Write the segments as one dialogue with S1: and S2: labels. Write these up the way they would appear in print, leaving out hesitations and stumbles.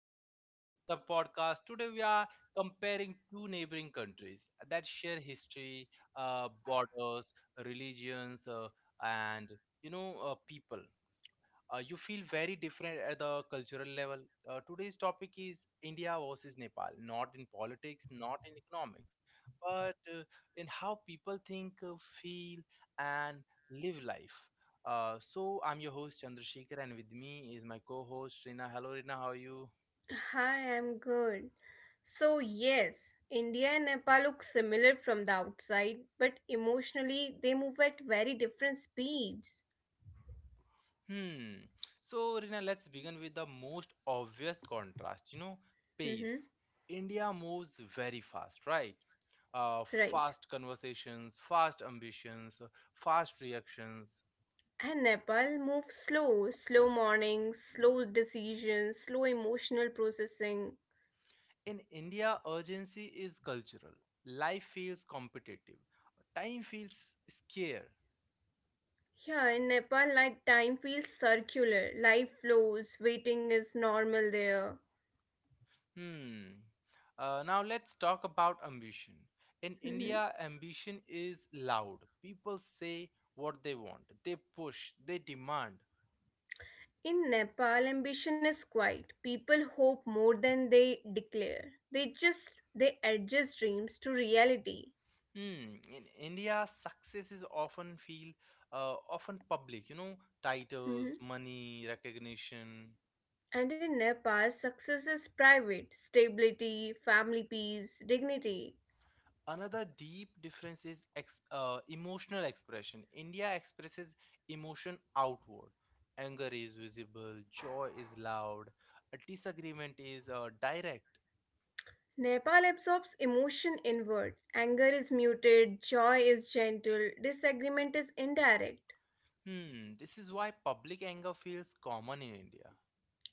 S1: Welcome back to another podcast. Today we are comparing two neighboring countries that share history, borders, religions, and people you feel very different at the cultural level. Today's topic is India versus Nepal, not in politics, not in economics, but in how people think, feel, and live life. So I'm your host Chandrasekhar, and with me is my co-host Rina. Hello, Rina. How are you?
S2: Hi, I'm good. So, yes, India and Nepal look similar from the outside, but emotionally they move at very different speeds.
S1: Hmm. So, Rina, let's begin with the most obvious contrast. You know, pace.
S2: Mm-hmm.
S1: India moves very fast, right?
S2: Right.
S1: Fast conversations, fast ambitions, fast reactions.
S2: And Nepal moves slow, slow mornings, slow decisions, slow emotional processing.
S1: In India, urgency is cultural. Life feels competitive. Time feels scarce.
S2: Yeah, in Nepal, like time feels circular. Life flows, waiting is normal there.
S1: Hmm. Now let's talk about ambition. In
S2: Mm-hmm.
S1: India, ambition is loud. People say what they want, they push, they demand.
S2: In Nepal, ambition is quiet. People hope more than they declare. They just they adjust dreams to reality.
S1: Hmm. In India, success is often feel often public. You know, titles,
S2: Mhm.
S1: money, recognition.
S2: And in Nepal, success is private, stability, family peace, dignity.
S1: Another deep difference is emotional expression. India expresses emotion outward. Anger is visible, joy is loud, a disagreement is direct.
S2: Nepal absorbs emotion inward. Anger is muted, joy is gentle, disagreement is indirect
S1: Hmm, this is why public anger feels common in India.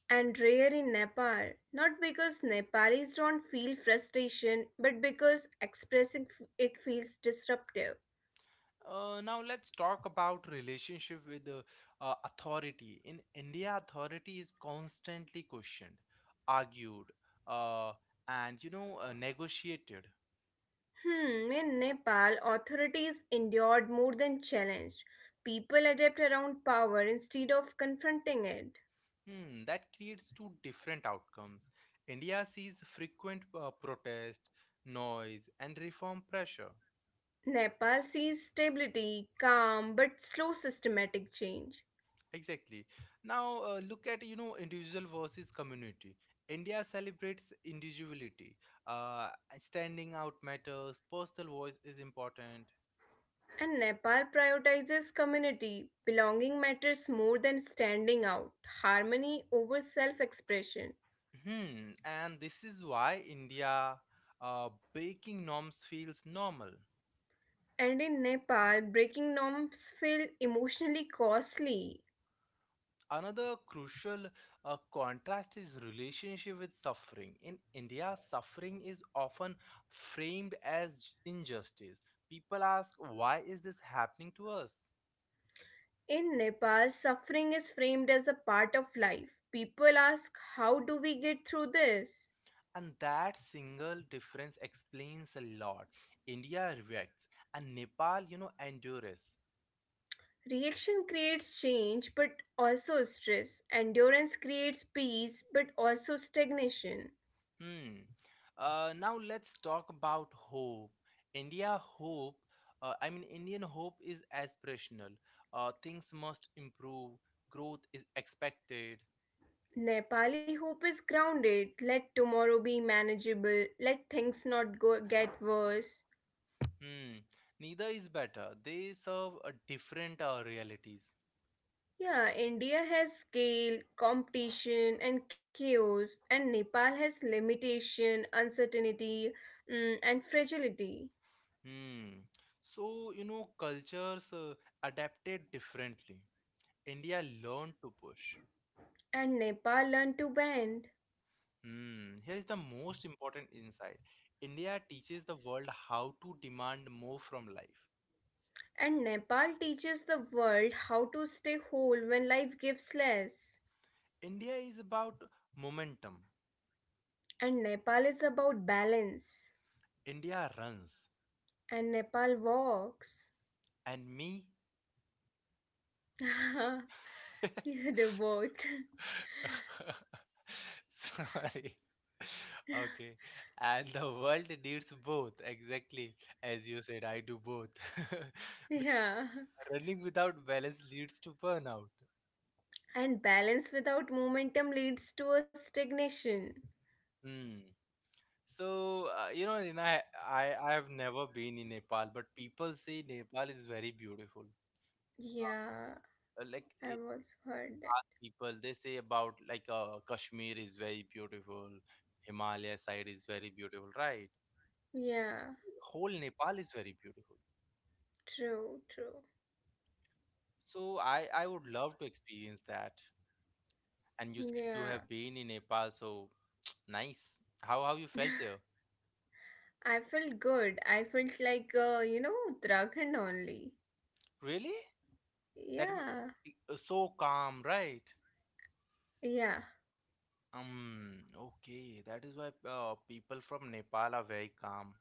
S2: and rare in Nepal. Not because Nepalis don't feel frustration, but because expressing it feels disruptive.
S1: Now let's talk about relationship with the authority. In India, authority is constantly questioned, argued, uh, and negotiated.
S2: Hmm, in Nepal, authorities endured more than challenged. People adapt around power instead of confronting it.
S1: Hmm, that creates two different outcomes. India sees frequent protest, noise, and reform pressure.
S2: Nepal sees stability, calm, but slow systematic change.
S1: Exactly. Now look at individual versus community. India celebrates individuality. Uh, standing out matters. Personal voice is important.
S2: And Nepal prioritizes community. Belonging matters more than standing out, harmony over self expression.
S1: Hmm. And this is why India breaking norms feels normal.
S2: And in Nepal, breaking norms feel emotionally costly.
S1: Another crucial contrast is relationship with suffering. In India, suffering is often framed as injustice. People ask, "Why is this happening to us?"
S2: In Nepal, suffering is framed as a part of life. People ask, how do we get through this?
S1: And that single difference explains a lot. India reacts, and Nepal, you know, endures.
S2: Reaction creates change but also stress. Endurance creates peace but also stagnation.
S1: Hmm. Now let's talk about hope. India hope. Indian hope is aspirational. Things must improve. Growth is expected.
S2: Nepali hope is grounded. Let tomorrow be manageable. Let things not go get worse.
S1: Hmm. Neither is better. They serve a different realities.
S2: Yeah, India has scale, competition, and chaos, and Nepal has limitation, uncertainty, and fragility.
S1: Hmm. So you know, cultures adapted differently. India learned to push.
S2: And Nepal learned to bend.
S1: Hmm, here is the most important insight. India teaches the world how to demand more from life.
S2: And Nepal teaches the world how to stay whole when life gives less.
S1: India is about momentum.
S2: And Nepal is about balance.
S1: India runs.
S2: And Nepal walks.
S1: And me?
S2: You do both.
S1: Sorry. Okay. And the world needs both. Exactly. As you said, I do both.
S2: Yeah.
S1: Running without balance leads to burnout.
S2: And balance without momentum leads to a stagnation.
S1: Hmm. So you know, Rina, I have never been in Nepal, but people say Nepal is very beautiful.
S2: Yeah,
S1: Uh, Like
S2: I've
S1: i-
S2: also heard that.
S1: Ask people, they say about like Kashmir is very beautiful, Himalaya side is very beautiful, right?
S2: Yeah,
S1: Whole Nepal is very beautiful.
S2: true, true.
S1: So I would love to experience that. And you said you
S2: Yeah,
S1: have been in Nepal, so nice. How you felt there?
S2: I felt good. I felt like, Uttarakhand only.
S1: Really? That m-
S2: Yeah.
S1: so calm, right?
S2: Yeah,
S1: Um, okay, that is why people from Nepal are very calm.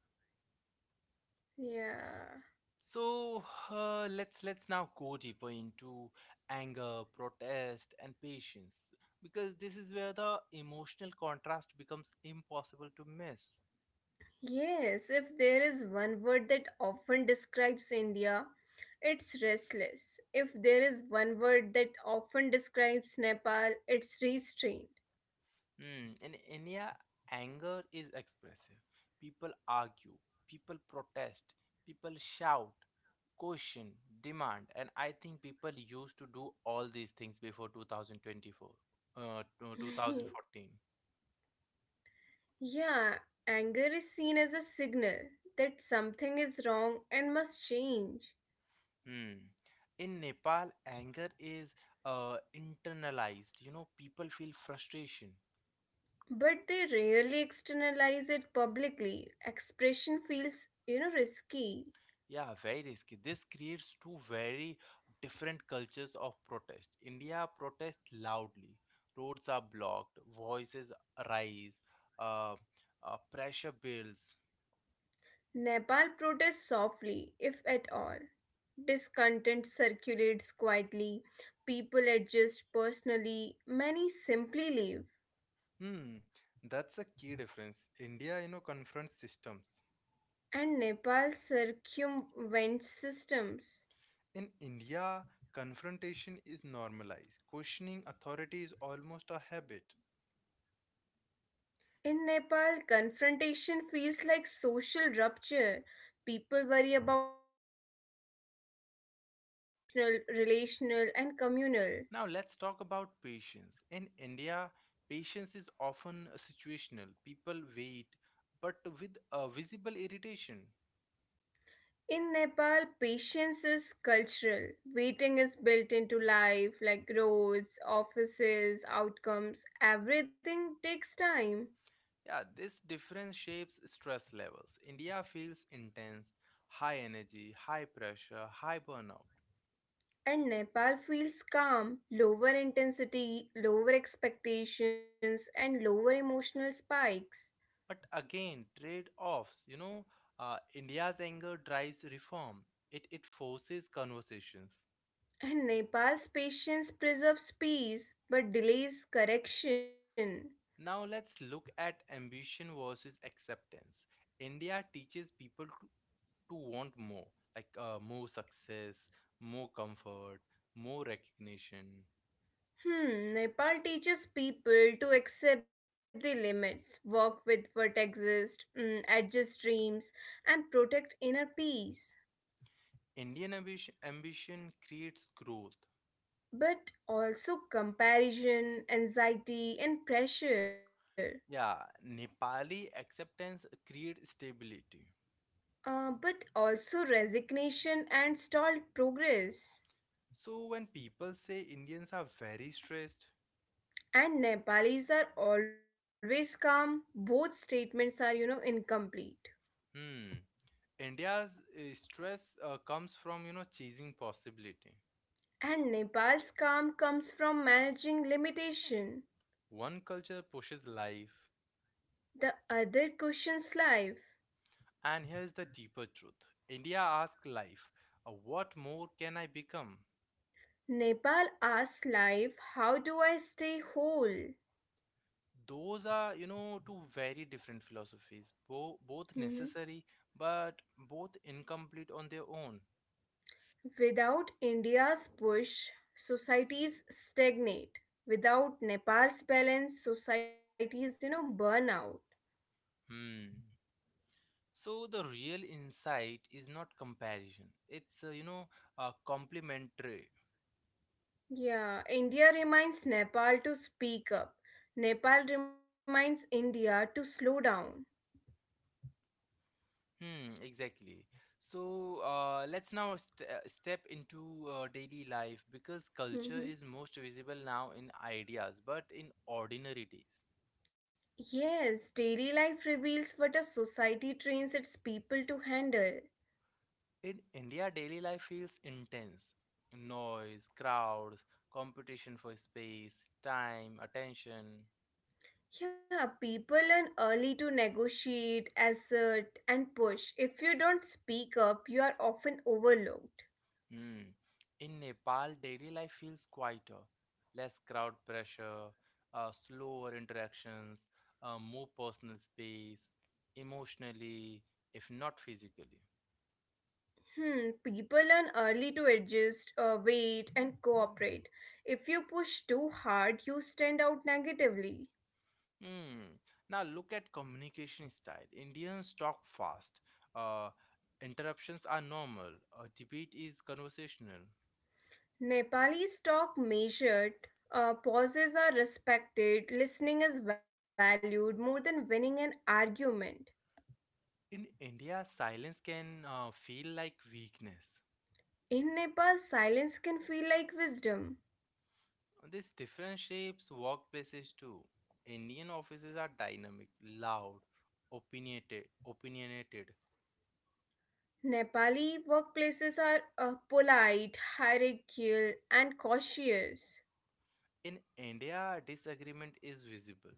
S2: yeah.
S1: So let's now go deeper into anger, protest, and patience because this is where the emotional contrast becomes impossible to miss.
S2: Yes, if there is one word that often describes India, it's restless. If there is one word that often describes Nepal, it's restrained.
S1: Mm, in India, anger is expressive. People argue, people protest, people shout, question, demand, and I think people used to do all these things before 2024, 2014.
S2: Yeah, anger is seen as a signal that something is wrong and must change.
S1: Hmm. In Nepal, anger is internalized. You know, people feel frustration.
S2: But they rarely externalize it publicly. Expression feels, risky.
S1: Yeah, very risky. This creates two very different cultures of protest. India protests loudly, roads are blocked, voices rise, uh, pressure builds.
S2: Nepal protests softly, if at all. Discontent circulates quietly, people adjust personally, many simply leave,
S1: Hmm, that's a key difference. India, you know, confronts systems.
S2: and Nepal circumvents systems.
S1: In India, confrontation is normalized. Questioning authority is almost a habit.
S2: In Nepal, confrontation feels like social rupture. People worry about consequences like emotional, relational, and communal.
S1: Now let's talk about patience. In India, patience is often situational. People wait, but with a visible irritation.
S2: In Nepal, patience is cultural. Waiting is built into life, like roads, offices, outcomes. Everything takes time.
S1: Yeah, this difference shapes stress levels. India feels intense, high energy, high pressure, high burnout.
S2: And Nepal feels calm, lower intensity, lower expectations, and lower emotional spikes.
S1: But again, trade offs. You know, India's anger drives reform, it forces conversations.
S2: And Nepal's patience preserves peace but delays correction.
S1: Now let's look at ambition versus acceptance. India teaches people to want more, like more success, more comfort, more recognition.
S2: Hmm, Nepal teaches people to accept the limits, work with what exists, adjust dreams, and protect inner peace.
S1: Indian ambition creates growth.
S2: But also comparison, anxiety, and pressure.
S1: Yeah, Nepali acceptance creates stability.
S2: But also resignation and stalled progress.
S1: So when people say Indians are very stressed,
S2: And Nepalis are always calm. Both statements are, incomplete.
S1: hmm, India's stress comes from you know chasing possibility.
S2: And Nepal's calm comes from managing limitation.
S1: One culture pushes life,
S2: The other cushions life.
S1: and here's the deeper truth. India asks life, what more can I become?
S2: Nepal asks life, how do I stay whole?
S1: Those are you know two very different philosophies both
S2: Mhm.
S1: necessary but both incomplete on their own.
S2: Without India's push, societies stagnate. Without Nepal's balance, societies, burn out.
S1: Hmm, so the real insight is not comparison, it's complementary.
S2: Yeah, India reminds Nepal to speak up. Nepal reminds India to slow down.
S1: Hmm, exactly. So let's now step into daily life because
S2: Mhm.
S1: culture is most visible now in ideas but in ordinary days.
S2: Yes, daily life reveals what a society trains its people to handle.
S1: In India, daily life feels intense. Noise, crowds, competition for space, time, attention.
S2: Yeah, people learn early to negotiate, assert, and push. If you don't speak up, you are often overlooked.
S1: Hmm. In Nepal, daily life feels quieter, less crowd pressure, slower interactions, more personal space, emotionally, if not physically.
S2: Hmm, people learn early to adjust, wait, and cooperate. If you push too hard, you stand out negatively.
S1: Hmm. Now look at communication style. Indians talk fast. Uh, Interruptions are normal. A debate is conversational.
S2: Nepalese talk measured, pauses are respected, listening is valued more than winning an argument.
S1: In India, silence can feel like weakness.
S2: In Nepal, silence can feel like wisdom.
S1: This difference shapes workplaces too. Indian offices are dynamic, loud, opinionated.
S2: Nepali workplaces are polite, hierarchical, and cautious.
S1: In India, disagreement is visible.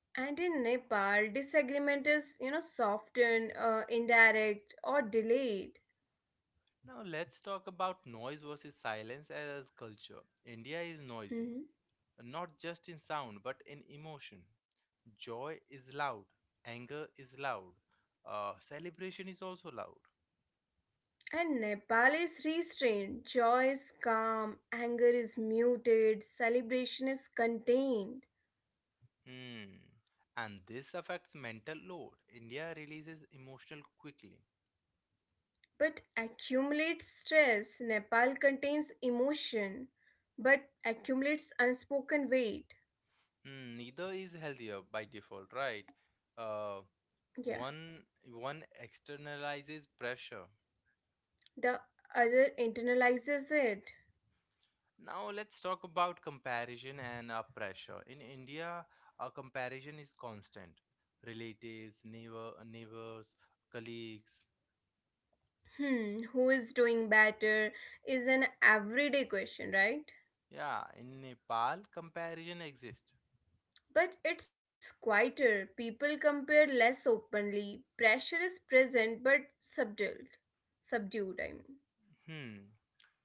S2: And in Nepal, disagreement is, softened, indirect, or delayed.
S1: Now let's talk about noise versus silence as culture. India is noisy,
S2: Mhm.
S1: not just in sound but in emotion. Joy is loud, anger is loud, celebration is also loud.
S2: And Nepal is restrained. Joy is calm, anger is muted, celebration is contained.
S1: Hmm. And this affects mental load. India releases emotional quickly.
S2: But accumulates stress. Nepal contains emotion, but accumulates unspoken weight.
S1: Hmm. Neither is healthier by default, right? Uh,
S2: Yeah.
S1: one externalizes pressure.
S2: The other internalizes it.
S1: Now let's talk about comparison and our pressure. In India, our comparison is constant. Relatives, neighbors, colleagues.
S2: Hmm, who is doing better is an everyday question, right?
S1: Yeah, in Nepal, comparison exists.
S2: But it's quieter. People compare less openly. Pressure is present but subdued. Subdued, I mean.
S1: Hmm.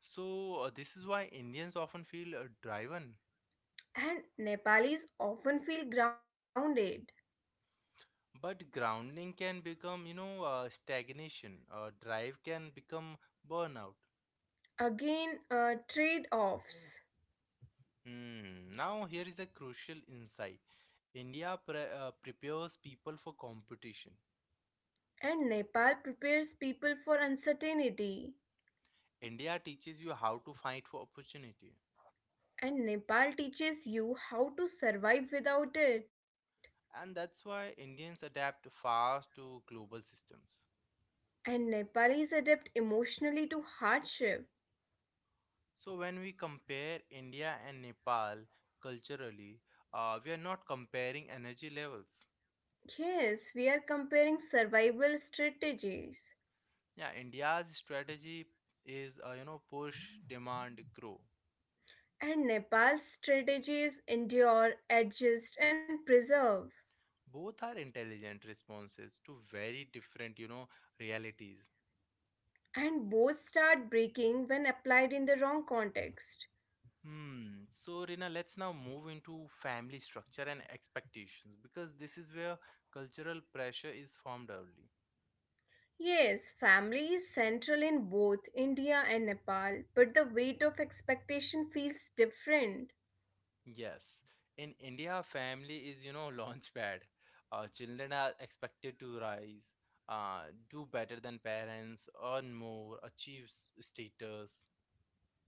S1: So this is why Indians often feel driven.
S2: And Nepalis often feel grounded.
S1: But grounding can become, you know, stagnation. Drive can become burnout.
S2: Again, trade offs.
S1: Hmm. Now, here is a crucial insight. India prepares people for competition.
S2: And Nepal prepares people for uncertainty.
S1: India teaches you how to fight for opportunity.
S2: And Nepal teaches you how to survive without it.
S1: And that's why Indians adapt fast to global systems.
S2: And Nepalese adapt emotionally to hardship.
S1: So, when we compare India and Nepal culturally, we are not comparing energy levels.
S2: Yes, we are comparing survival strategies.
S1: Yeah, India's strategy is push, demand, grow.
S2: And Nepal's strategies endure, adjust, and preserve.
S1: Both are intelligent responses to very different you know realities.
S2: And both start breaking when applied in the wrong context.
S1: Hmm. So Rina, let's now move into family structure and expectations because this is where cultural pressure is formed early.
S2: Yes, family is central in both India and Nepal, but the weight of expectation feels different.
S1: Yes, in India, family is you know launchpad. Children are expected to rise, uh, do better than parents, earn more, achieve status.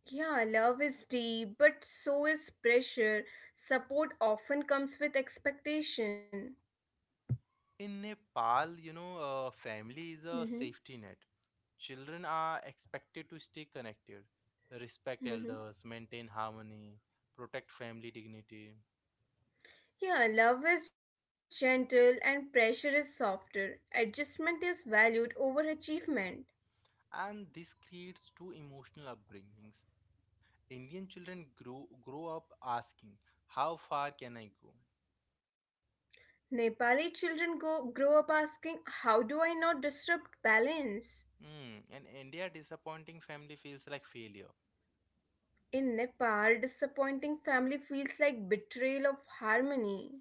S2: Yeah, love is deep, but so is pressure. Support often comes with expectation.
S1: In Nepal, you know, family is a
S2: Mm-hmm.
S1: safety net. Children are expected to stay connected, respect
S2: Mm-hmm.
S1: elders, maintain harmony, protect family dignity,
S2: Yeah, love is gentle and pressure is softer. Adjustment is valued over achievement.
S1: and this creates two emotional upbringings. Indian children grow up asking, "How far can I go?"
S2: Nepali children grow up asking, how do I not disrupt balance?
S1: Mm, in India, disappointing family feels like failure.
S2: In Nepal, disappointing family feels like betrayal of harmony.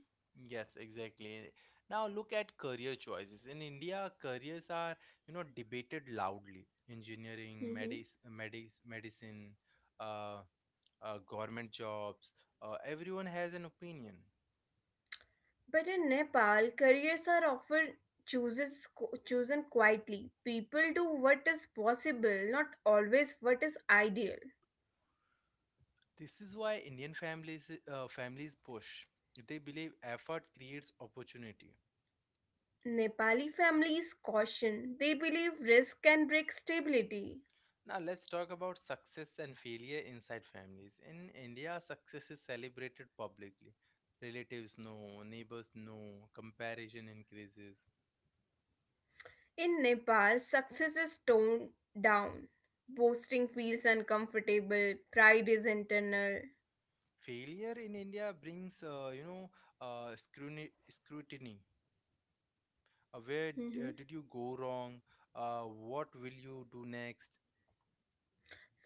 S1: Yes, exactly. Now look at career choices. In India, careers are, you know, debated loudly. Engineering,
S2: Mm-hmm.
S1: medicine, uh, government jobs. Everyone has an opinion.
S2: But in Nepal, careers are often chooses chosen quietly. People do what is possible, not always what is ideal.
S1: This is why Indian families push. They believe effort creates opportunity.
S2: Nepali families caution. They believe risk can break stability.
S1: Now let's talk about success and failure inside families. In India, success is celebrated publicly. Relatives know, neighbors know, comparison increases.
S2: In Nepal, success is toned down. Boasting feels uncomfortable. Pride is internal.
S1: Failure in India brings uh, scrutiny scrutiny. Where
S2: Mhm.
S1: did you go wrong, uh, what will you do next?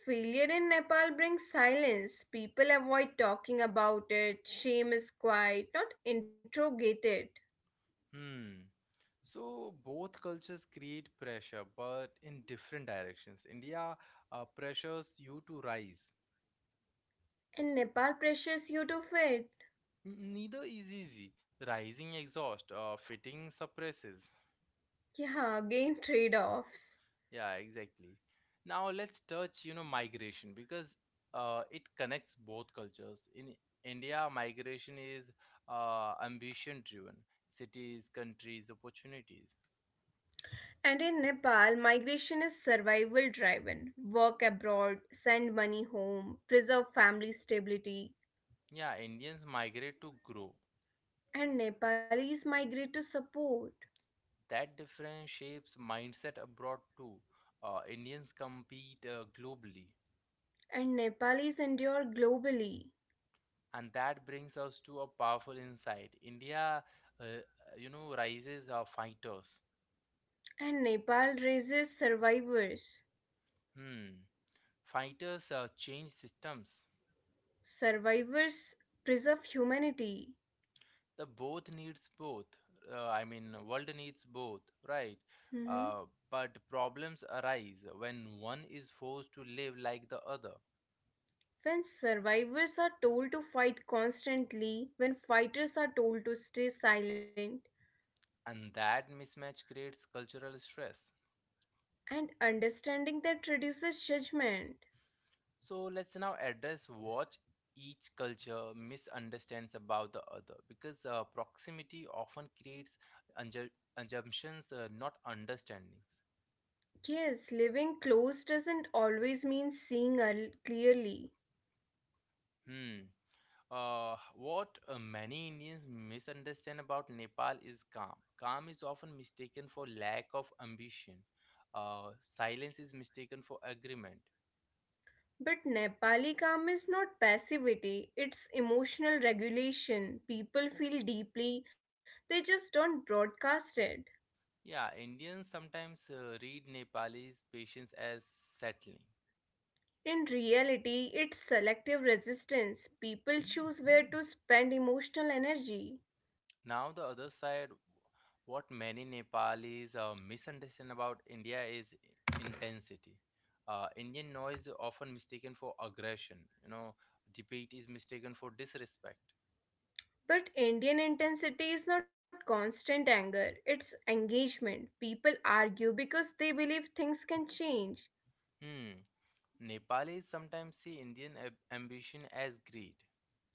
S2: Failure in Nepal brings silence. People avoid talking about it. Shame is quiet, not interrogated.
S1: Hmm, so both cultures create pressure but in different directions. India pressures you to rise.
S2: And Nepal pressures you to fit.
S1: N- neither is easy, rising exhaust fitting suppresses.
S2: Yeah, again trade offs.
S1: Yeah, exactly. Now let's touch, you know, migration because it connects both cultures. In India, migration is ambition driven. Cities, countries, opportunities.
S2: And in Nepal, migration is survival driven. Work abroad, send money home, preserve family stability.
S1: Yeah, Indians migrate to grow.
S2: And Nepalis migrate to support.
S1: That difference shapes mindset abroad too. Indians compete globally.
S2: And Nepalis endure globally.
S1: And that brings us to a powerful insight. India, uh, rises fighters.
S2: And Nepal raises survivors.
S1: Hmm. Fighters change systems.
S2: Survivors preserve humanity.
S1: The both needs both I mean world needs both, right?
S2: Mhm.
S1: Uh, but problems arise when one is forced to live like the other.
S2: When survivors are told to fight constantly, when fighters are told to stay silent,
S1: And that mismatch creates cultural stress.
S2: and understanding that reduces judgment.
S1: So let's now address what each culture misunderstands about the other because proximity often creates unju- assumptions not understandings.
S2: Yes, living close doesn't always mean seeing clearly.
S1: Hmm. What many Indians misunderstand about Nepal is calm. Calm is often mistaken for lack of ambition. Uh, Silence is mistaken for agreement.
S2: But Nepali calm is not passivity, it's emotional regulation. People feel deeply, they just don't broadcast it.
S1: Yeah, Indians sometimes read Nepalese patience as settling.
S2: In reality, it's selective resistance. People choose where to spend emotional energy.
S1: Now, the other side, what many Nepalis misunderstand about India is intensity. Indian noise is often mistaken for aggression. You know, debate is mistaken for disrespect.
S2: But Indian intensity is not constant anger, it's engagement. People argue because they believe things can change.
S1: Hmm. Nepalis sometimes see Indian ambition as greed.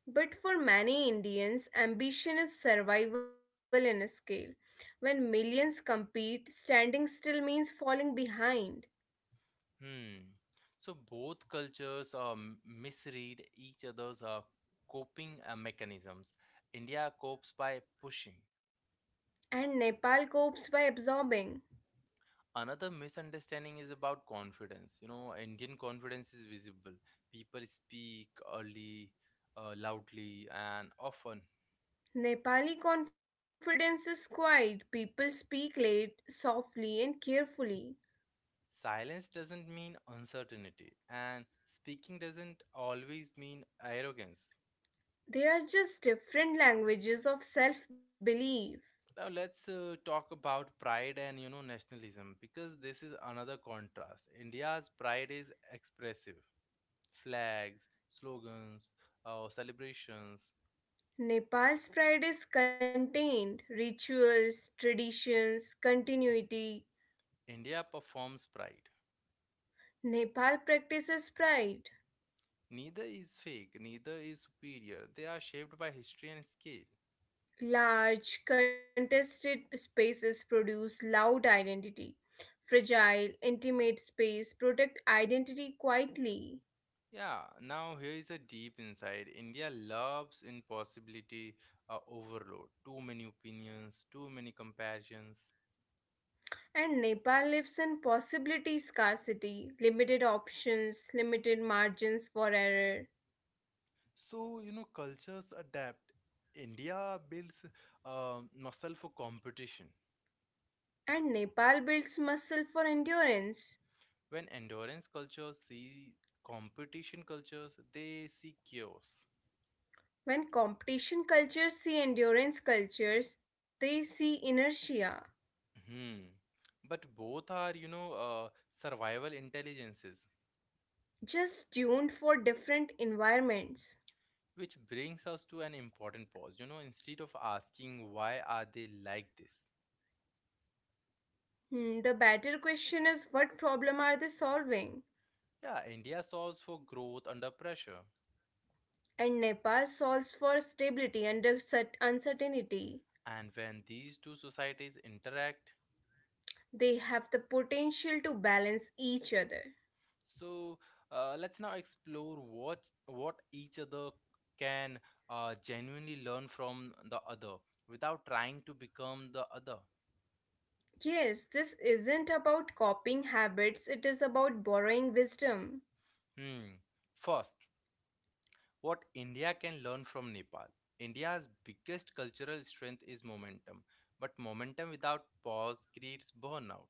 S2: But for many Indians, ambition is survival in a scale. When millions compete, standing still means falling behind.
S1: Hmm. So both cultures misread each other's coping mechanisms. India copes by pushing.
S2: And Nepal copes by absorbing.
S1: Another misunderstanding is about confidence. You know, Indian confidence is visible. People speak early, loudly, and often.
S2: Nepali confidence is quiet, people speak late, softly, and carefully.
S1: Silence doesn't mean uncertainty, and speaking doesn't always mean arrogance.
S2: They are just different languages of self belief.
S1: Now let's talk about pride and you know nationalism because this is another contrast. India's pride is expressive, flags, slogans, or celebrations.
S2: Nepal's pride is contained rituals, traditions, continuity.
S1: India performs pride.
S2: Nepal practices pride.
S1: Neither is fake, neither is superior, they are shaped by history and scale.
S2: Large, contested spaces produce loud identity. Fragile, intimate space protect identity quietly.
S1: Yeah, now here is a deep insight. India loves impossibility, overload, too many opinions, too many comparisons.
S2: And Nepal lives in possibility scarcity, limited options, limited margins for error.
S1: So, you know, cultures adapt. India builds muscle for competition.
S2: And Nepal builds muscle for endurance.
S1: When endurance cultures see competition cultures, they see chaos.
S2: When competition cultures see endurance cultures, they see inertia,
S1: Hmm. But both are, survival intelligences,
S2: just tuned for different environments.
S1: which brings us to an important pause. Instead of asking, why are they like this?
S2: The better question is what problem are they solving?
S1: Yeah, India solves for growth under pressure.
S2: And Nepal solves for stability under uncertainty.
S1: And when these two societies interact,
S2: They have the potential to balance each other.
S1: so let's now explore what each other can genuinely learn from the other without trying to become the other.
S2: Yes, this isn't about copying habits, it is about borrowing wisdom.
S1: Hmm. First, what India can learn from Nepal. India's biggest cultural strength is momentum, but momentum without pause creates burnout.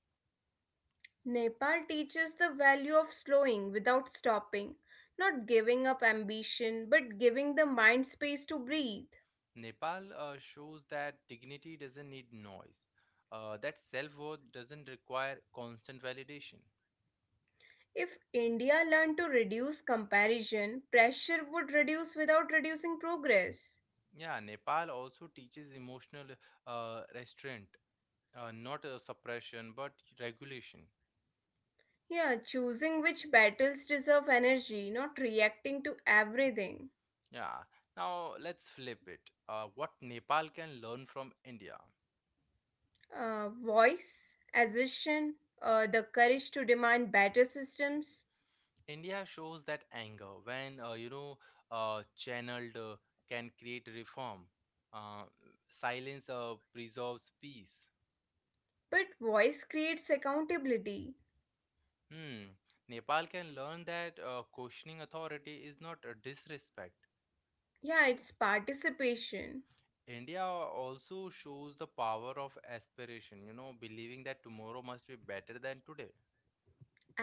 S2: Nepal teaches the value of slowing without stopping, not giving up ambition, but giving the mind space to breathe.
S1: Nepal shows that dignity doesn't need noise, that self worth doesn't require constant validation.
S2: If India learned to reduce comparison, pressure would reduce without reducing progress.
S1: Yeah, Nepal also teaches emotional restraint, not suppression, but regulation.
S2: Yeah, choosing which battles deserve energy, not reacting to everything.
S1: Yeah. Now let's flip it. What Nepal can learn from India.
S2: Voice, assertion, the courage to demand better systems.
S1: India shows that anger, when channeled, can create reform. Uh, Silence preserves peace.
S2: But voice creates accountability.
S1: Hmm. Nepal can learn that questioning authority is not a disrespect.
S2: Yeah, it's participation.
S1: India also shows the power of aspiration, you know, believing that tomorrow must be better than today.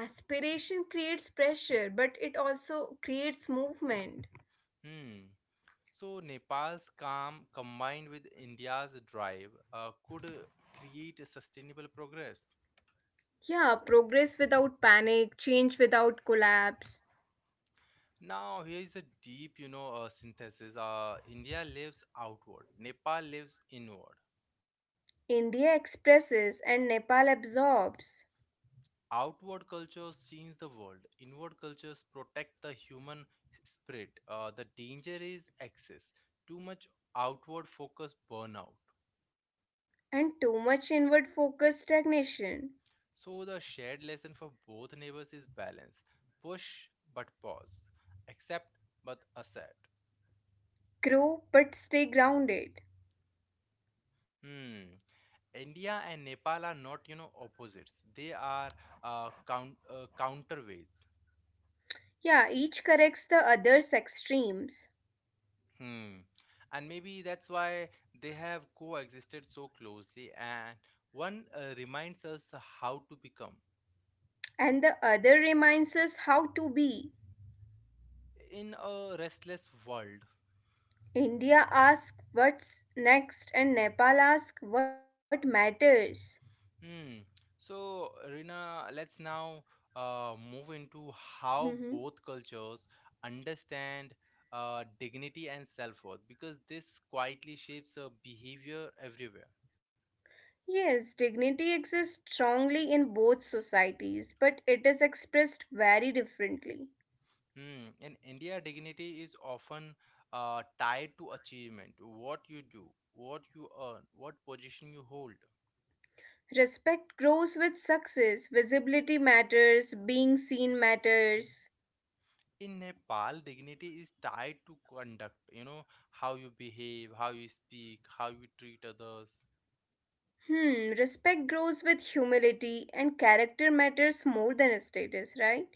S2: Aspiration creates pressure, but it also creates movement.
S1: Hmm. So, Nepal's calm combined with India's drive could create a sustainable progress.
S2: Yeah, progress without panic, change without collapse.
S1: Now, here is a deep, synthesis. India lives outward, Nepal lives inward.
S2: India expresses and Nepal absorbs,
S1: Outward cultures change the world, inward cultures protect the human spirit. The danger is excess. Too much outward focus, burnout.
S2: and too much inward focus stagnation.
S1: So the shared lesson for both neighbors is balance. Push but pause, accept but accept.
S2: Grow but stay grounded.
S1: Hmm. India and Nepal are not, you know, opposites. They are counterweights.
S2: Yeah, each corrects the other's extremes,
S1: Hmm. And maybe that's why they have coexisted so closely, and one reminds us how to become
S2: and the other reminds us how to be.
S1: in a restless world.
S2: India asks what's next, and Nepal asks what matters.
S1: Hmm. So, Rina, let's now move into how both cultures understand dignity and self worth, because this quietly shapes behavior everywhere.
S2: Yes, dignity exists strongly in both societies, but it is expressed very differently.
S1: Hmm. In India, dignity is often tied to achievement, what you do, what you earn, what position you hold.
S2: Respect grows with success, visibility matters, being seen matters.
S1: In Nepal, dignity is tied to conduct, you know, how you behave, how you speak, how you treat others.
S2: Respect grows with humility, and character matters more than status, right?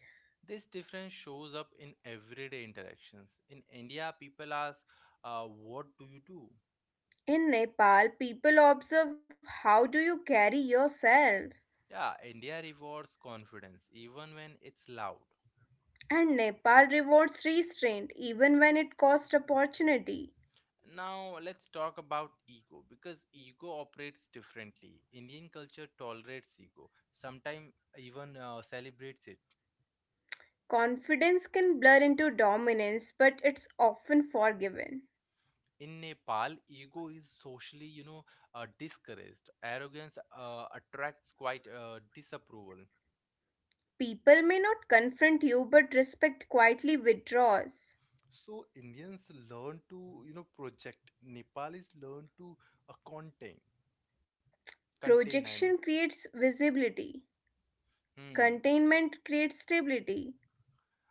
S1: This difference shows up in everyday interactions. In India, people ask, what do you do?
S2: In Nepal, people observe how do you carry yourself.
S1: Yeah, India rewards confidence, even when it's loud.
S2: And Nepal rewards restraint even when it costs opportunity.
S1: Now let's talk about ego, because ego operates differently. Indian culture tolerates ego, sometimes even celebrates it.
S2: Confidence can blur into dominance, but it's often forgiven.
S1: In Nepal, ego is socially, discouraged. Arrogance attracts quite disapproval.
S2: People may not confront you, but respect quietly withdraws.
S1: So Indians learn to, you know, project. Nepalis learn to contain. Contain, I mean.
S2: Projection creates visibility.
S1: Hmm.
S2: Containment creates stability.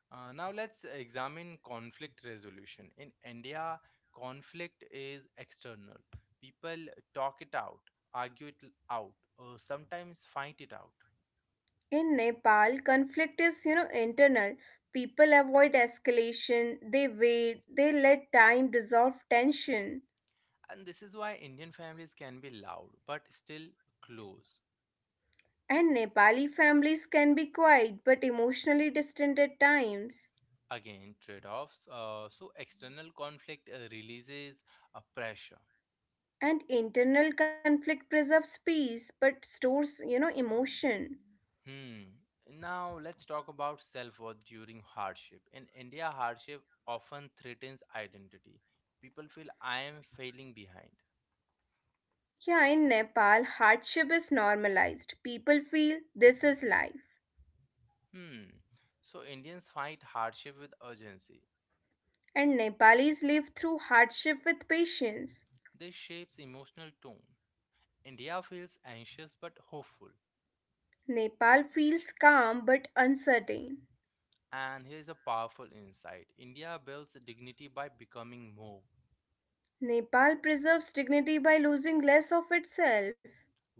S1: Now let's examine conflict resolution. In India, conflict is external. People talk it out, argue it out, or sometimes fight it out.
S2: In Nepal, conflict is, internal. People avoid escalation, they wait, they let time dissolve tension.
S1: And this is why Indian families can be loud but still close.
S2: And Nepali families can be quiet but emotionally distant at times.
S1: Again, trade offs. So, external conflict releases a pressure.
S2: And internal conflict preserves peace but stores emotion.
S1: Hmm. Now let's talk about self-worth during hardship. In India, hardship often threatens identity. People feel I am failing behind.
S2: Yeah, in Nepal hardship is normalized. People feel this is life.
S1: Hmm. So Indians fight hardship with urgency.
S2: And Nepalis live through hardship with patience.
S1: This shapes emotional tone. India feels anxious but hopeful.
S2: Nepal feels calm but uncertain.
S1: And here's a powerful insight. India builds dignity by becoming more.
S2: Nepal preserves dignity by losing less of itself.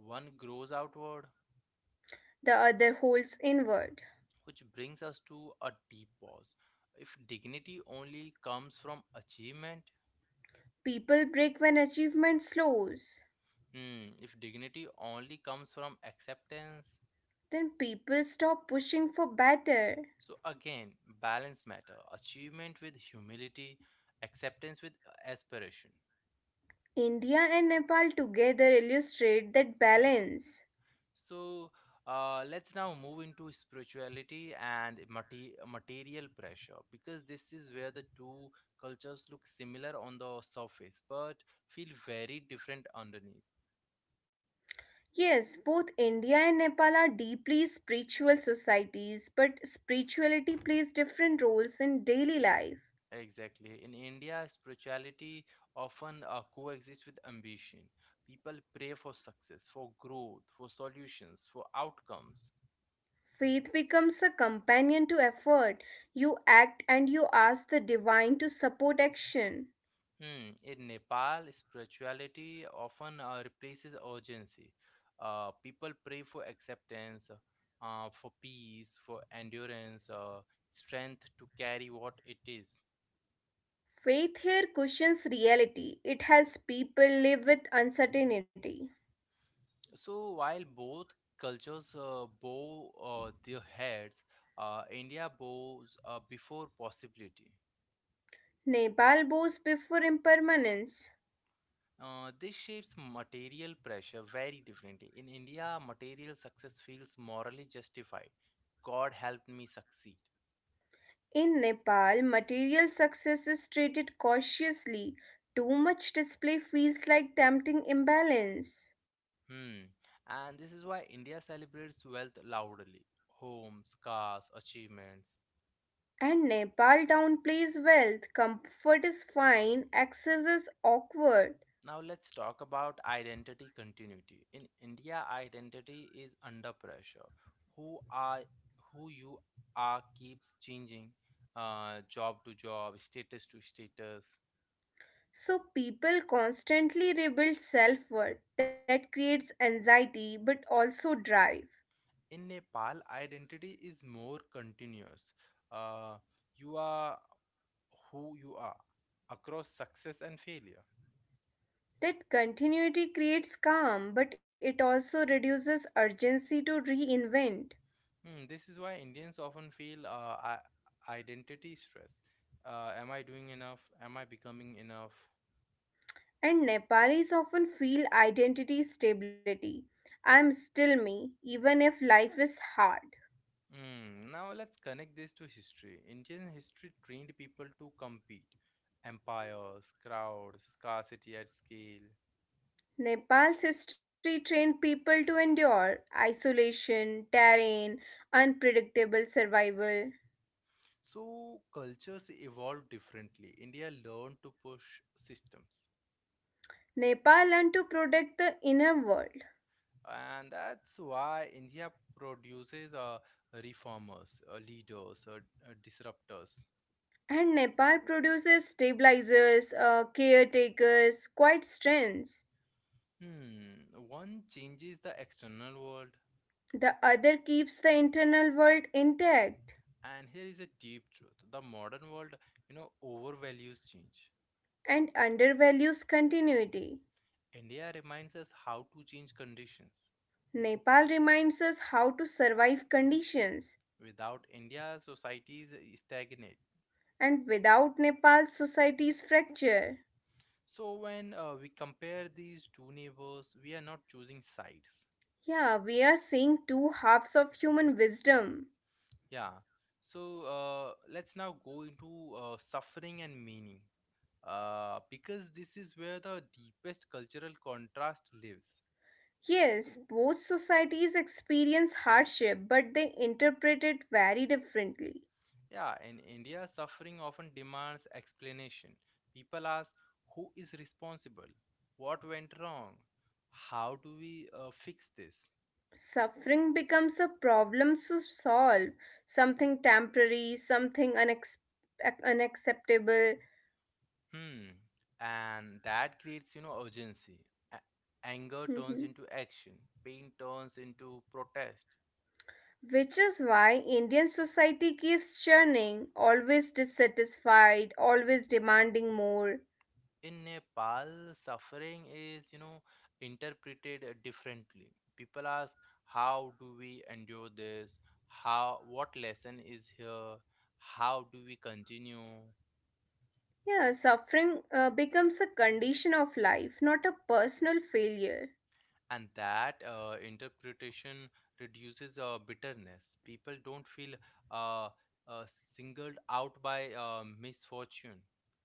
S1: One grows outward,
S2: The other holds inward.
S1: which brings us to a deep pause. If dignity only comes from achievement,
S2: People break when achievement slows.
S1: hmm, if dignity only comes from acceptance,
S2: Then people stop pushing for better.
S1: so again, balance matter. Achievement with humility, acceptance with aspiration.
S2: India and Nepal together illustrate that balance.
S1: So let's now move into spirituality and material pressure, because this is where the two cultures look similar on the surface but feel very different underneath.
S2: Yes, both India and Nepal are deeply spiritual societies, but spirituality plays different roles in daily life.
S1: Exactly. In India, spirituality often coexists with ambition. People pray for success, for growth, for solutions, for outcomes.
S2: Faith becomes a companion to effort. You act and you ask the divine to support action.
S1: Hmm. In Nepal, spirituality often replaces urgency. People pray for acceptance, for peace, for endurance, strength to carry what it is.
S2: Faith here cushions reality, it helps people live with uncertainty.
S1: So while both cultures bow their heads, India bows before possibility.
S2: Nepal bows before impermanence.
S1: This shapes material pressure very differently. In India, material success feels morally justified. God helped me succeed.
S2: In Nepal, material success is treated cautiously. Too much display feels like tempting imbalance.
S1: Hmm. And this is why India celebrates wealth loudly, homes, cars, achievements.
S2: And Nepal downplays wealth. Comfort is fine, access is awkward.
S1: Now let's talk about identity continuity. In India, identity is under pressure. Who are who you are keeps changing, job to job, status to status.
S2: So people constantly rebuild self worth. That creates anxiety but also drive.
S1: In Nepal, identity is more continuous. Uh, you are who you are across success and failure.
S2: That continuity creates calm but it also reduces urgency to reinvent.
S1: Hmm, this is why Indians often feel identity stress. Am I doing enough? Am I becoming enough?
S2: And Nepalis often feel identity stability. I'm still me, even if life is hard.
S1: Hmm, now let's connect this to history. Indian history trained people to compete. Empires, crowds, scarcity at scale.
S2: Nepal's history trained people to endure isolation, terrain, unpredictable survival.
S1: So cultures evolved differently. India learned to push systems.
S2: Nepal learned to protect the inner world.
S1: And that's why India produces reformers, leaders, disruptors.
S2: And Nepal produces stabilizers, caretakers, quite strengths.
S1: Hmm, one changes the external world.
S2: The other keeps the internal world intact
S1: And here is a deep truth. The modern world, you know, overvalues change.
S2: and undervalues continuity.
S1: India reminds us how to change conditions.
S2: Nepal reminds us how to survive conditions,
S1: Without India, societies stagnate.
S2: and without Nepal, societies fracture.
S1: So when we compare these two neighbors, we are not choosing sides.
S2: Yeah, we are seeing two halves of human wisdom.
S1: Yeah. So let's now go into suffering and meaning, because this is where the deepest cultural contrast lives.
S2: Yes, both societies experience hardship, but they interpret it very differently.
S1: Yeah, in India, suffering often demands explanation. People ask, "Who is responsible? What went wrong? How do we fix this?"
S2: Suffering becomes a problem to solve, something temporary, something unacceptable.
S1: Hmm. And that creates, you know, urgency. A- Anger turns into action. Pain turns into protest.
S2: Which is why Indian society keeps churning, always dissatisfied, always demanding more.
S1: In Nepal, suffering is, you know, interpreted differently. People ask, how do we endure this? How, what lesson is here? How do we continue?
S2: Yeah, suffering becomes a condition of life, not a personal failure.
S1: And that interpretation reduces bitterness. People don't feel uh, uh, singled out by misfortune.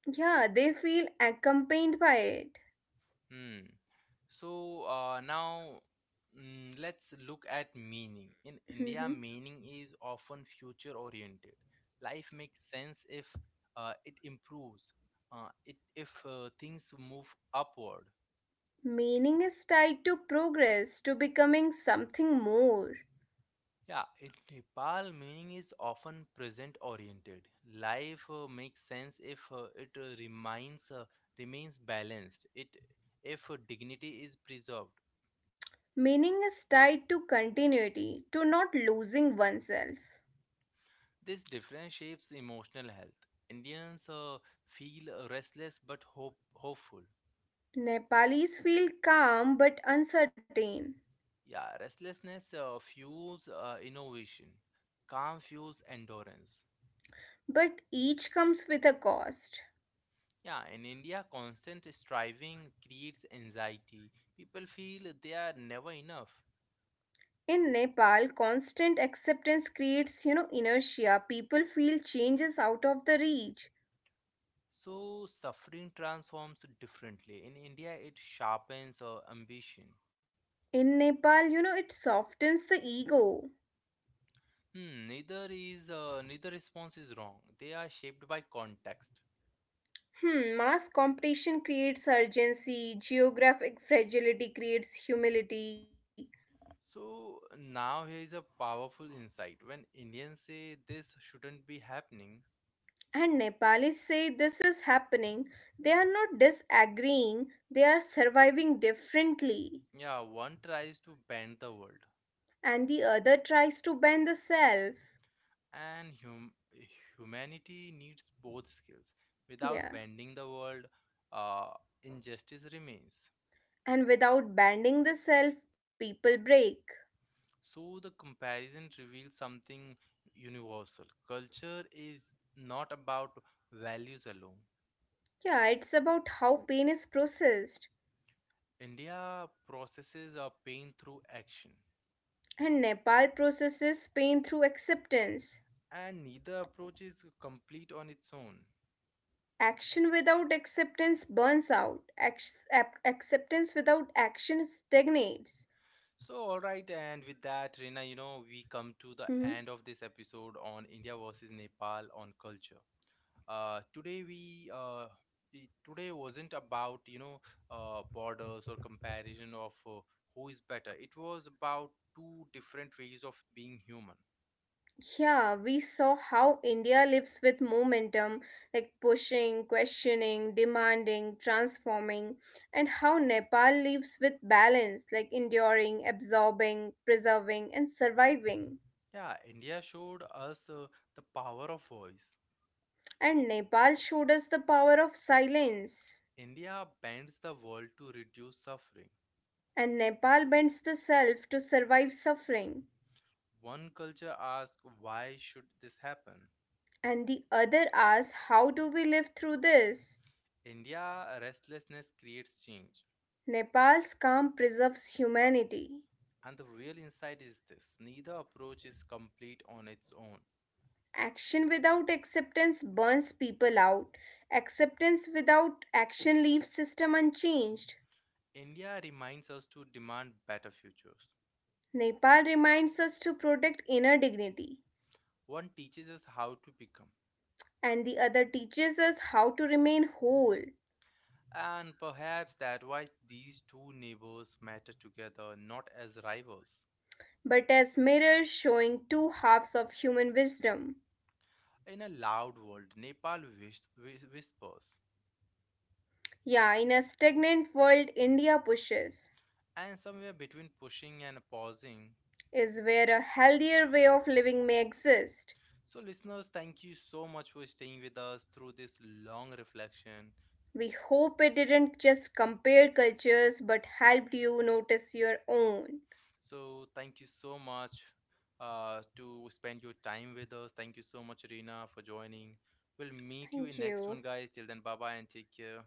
S2: Yeah, they feel accompanied by it.
S1: Hmm. So let's look at meaning. In India,
S2: Mhm.
S1: meaning is often future oriented. Life makes sense if it improves, if things move upward.
S2: Meaning is tied to progress, to becoming something more.
S1: Yeah, in Nepal, meaning is often present oriented. Life makes sense if it remains remains balanced. It If dignity is preserved.
S2: Meaning is tied to continuity, to not losing oneself.
S1: This difference shapes emotional health. Indians feel restless but hopeful.
S2: Nepalis feel calm but uncertain.
S1: Yeah, restlessness fuels innovation. Calm fuels endurance.
S2: But each comes with a cost.
S1: Yeah, in India, constant striving creates anxiety. People feel they are never enough.
S2: In Nepal, constant acceptance creates, inertia. People feel change is out of the reach.
S1: So, suffering transforms differently. In India, it sharpens ambition.
S2: In Nepal, it softens the ego.
S1: Hmm, neither response is wrong. They are shaped by context.
S2: Hmm, mass competition creates urgency, geographic fragility creates humility.
S1: So now here is a powerful insight. When Indians say this shouldn't be happening,
S2: And Nepalis say this is happening. They are not disagreeing, they are surviving differently.
S1: yeah, one tries to bend the world,
S2: And the other tries to bend the self.
S1: and humanity needs both skills. Without
S2: Yeah.
S1: bending the world, uh, injustice remains.
S2: And without banding the self, people break.
S1: So the comparison reveals something universal. Culture is not about values alone.
S2: Yeah, it's about how pain is processed.
S1: India processes our pain through action,
S2: And Nepal processes pain through acceptance.
S1: and neither approach is complete on its own.
S2: Action without acceptance burns out. Acceptance without action stagnates.
S1: So, all right, and with that, Reena, you know, we come to the
S2: Hmm.
S1: end of this episode on India versus Nepal on culture. Uh, today we uh, Today wasn't about, you know, borders or comparison of who is better. It was about two different ways of being human.
S2: Yeah, we saw how India lives with momentum, like pushing, questioning, demanding, transforming, and how Nepal lives with balance, like enduring, absorbing, preserving, and surviving.
S1: Yeah, India showed us the power of voice.
S2: And Nepal showed us the power of silence.
S1: India bends the world to reduce suffering.
S2: And Nepal bends the self to survive suffering.
S1: One culture asks, why should this happen?
S2: And the other asks, how do we live through this?
S1: India restlessness creates change.
S2: Nepal's calm preserves humanity.
S1: And the real insight is this, neither approach is complete on its own.
S2: Action without acceptance burns people out. Acceptance without action leaves system unchanged.
S1: India reminds us to demand better futures.
S2: Nepal reminds us to protect inner dignity,
S1: One teaches us how to become.
S2: and the other teaches us how to remain whole,
S1: And perhaps that's why these two neighbors matter together, not as rivals.
S2: but as mirrors showing two halves of human wisdom.
S1: In a loud world, Nepal whispers.
S2: Yeah, in a stagnant world, India pushes,
S1: And somewhere between pushing and pausing.
S2: is where a healthier way of living may exist.
S1: So, listeners, thank you so much for staying with us through this long reflection.
S2: We hope it didn't just compare cultures but helped you notice your own.
S1: So thank you so much to spend your time with us. Thank you so much, Reena, for joining. We'll meet you
S2: Thank
S1: in next
S2: you.
S1: one, guys. Till then, bye bye and take care.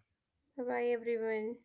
S2: Bye bye, everyone.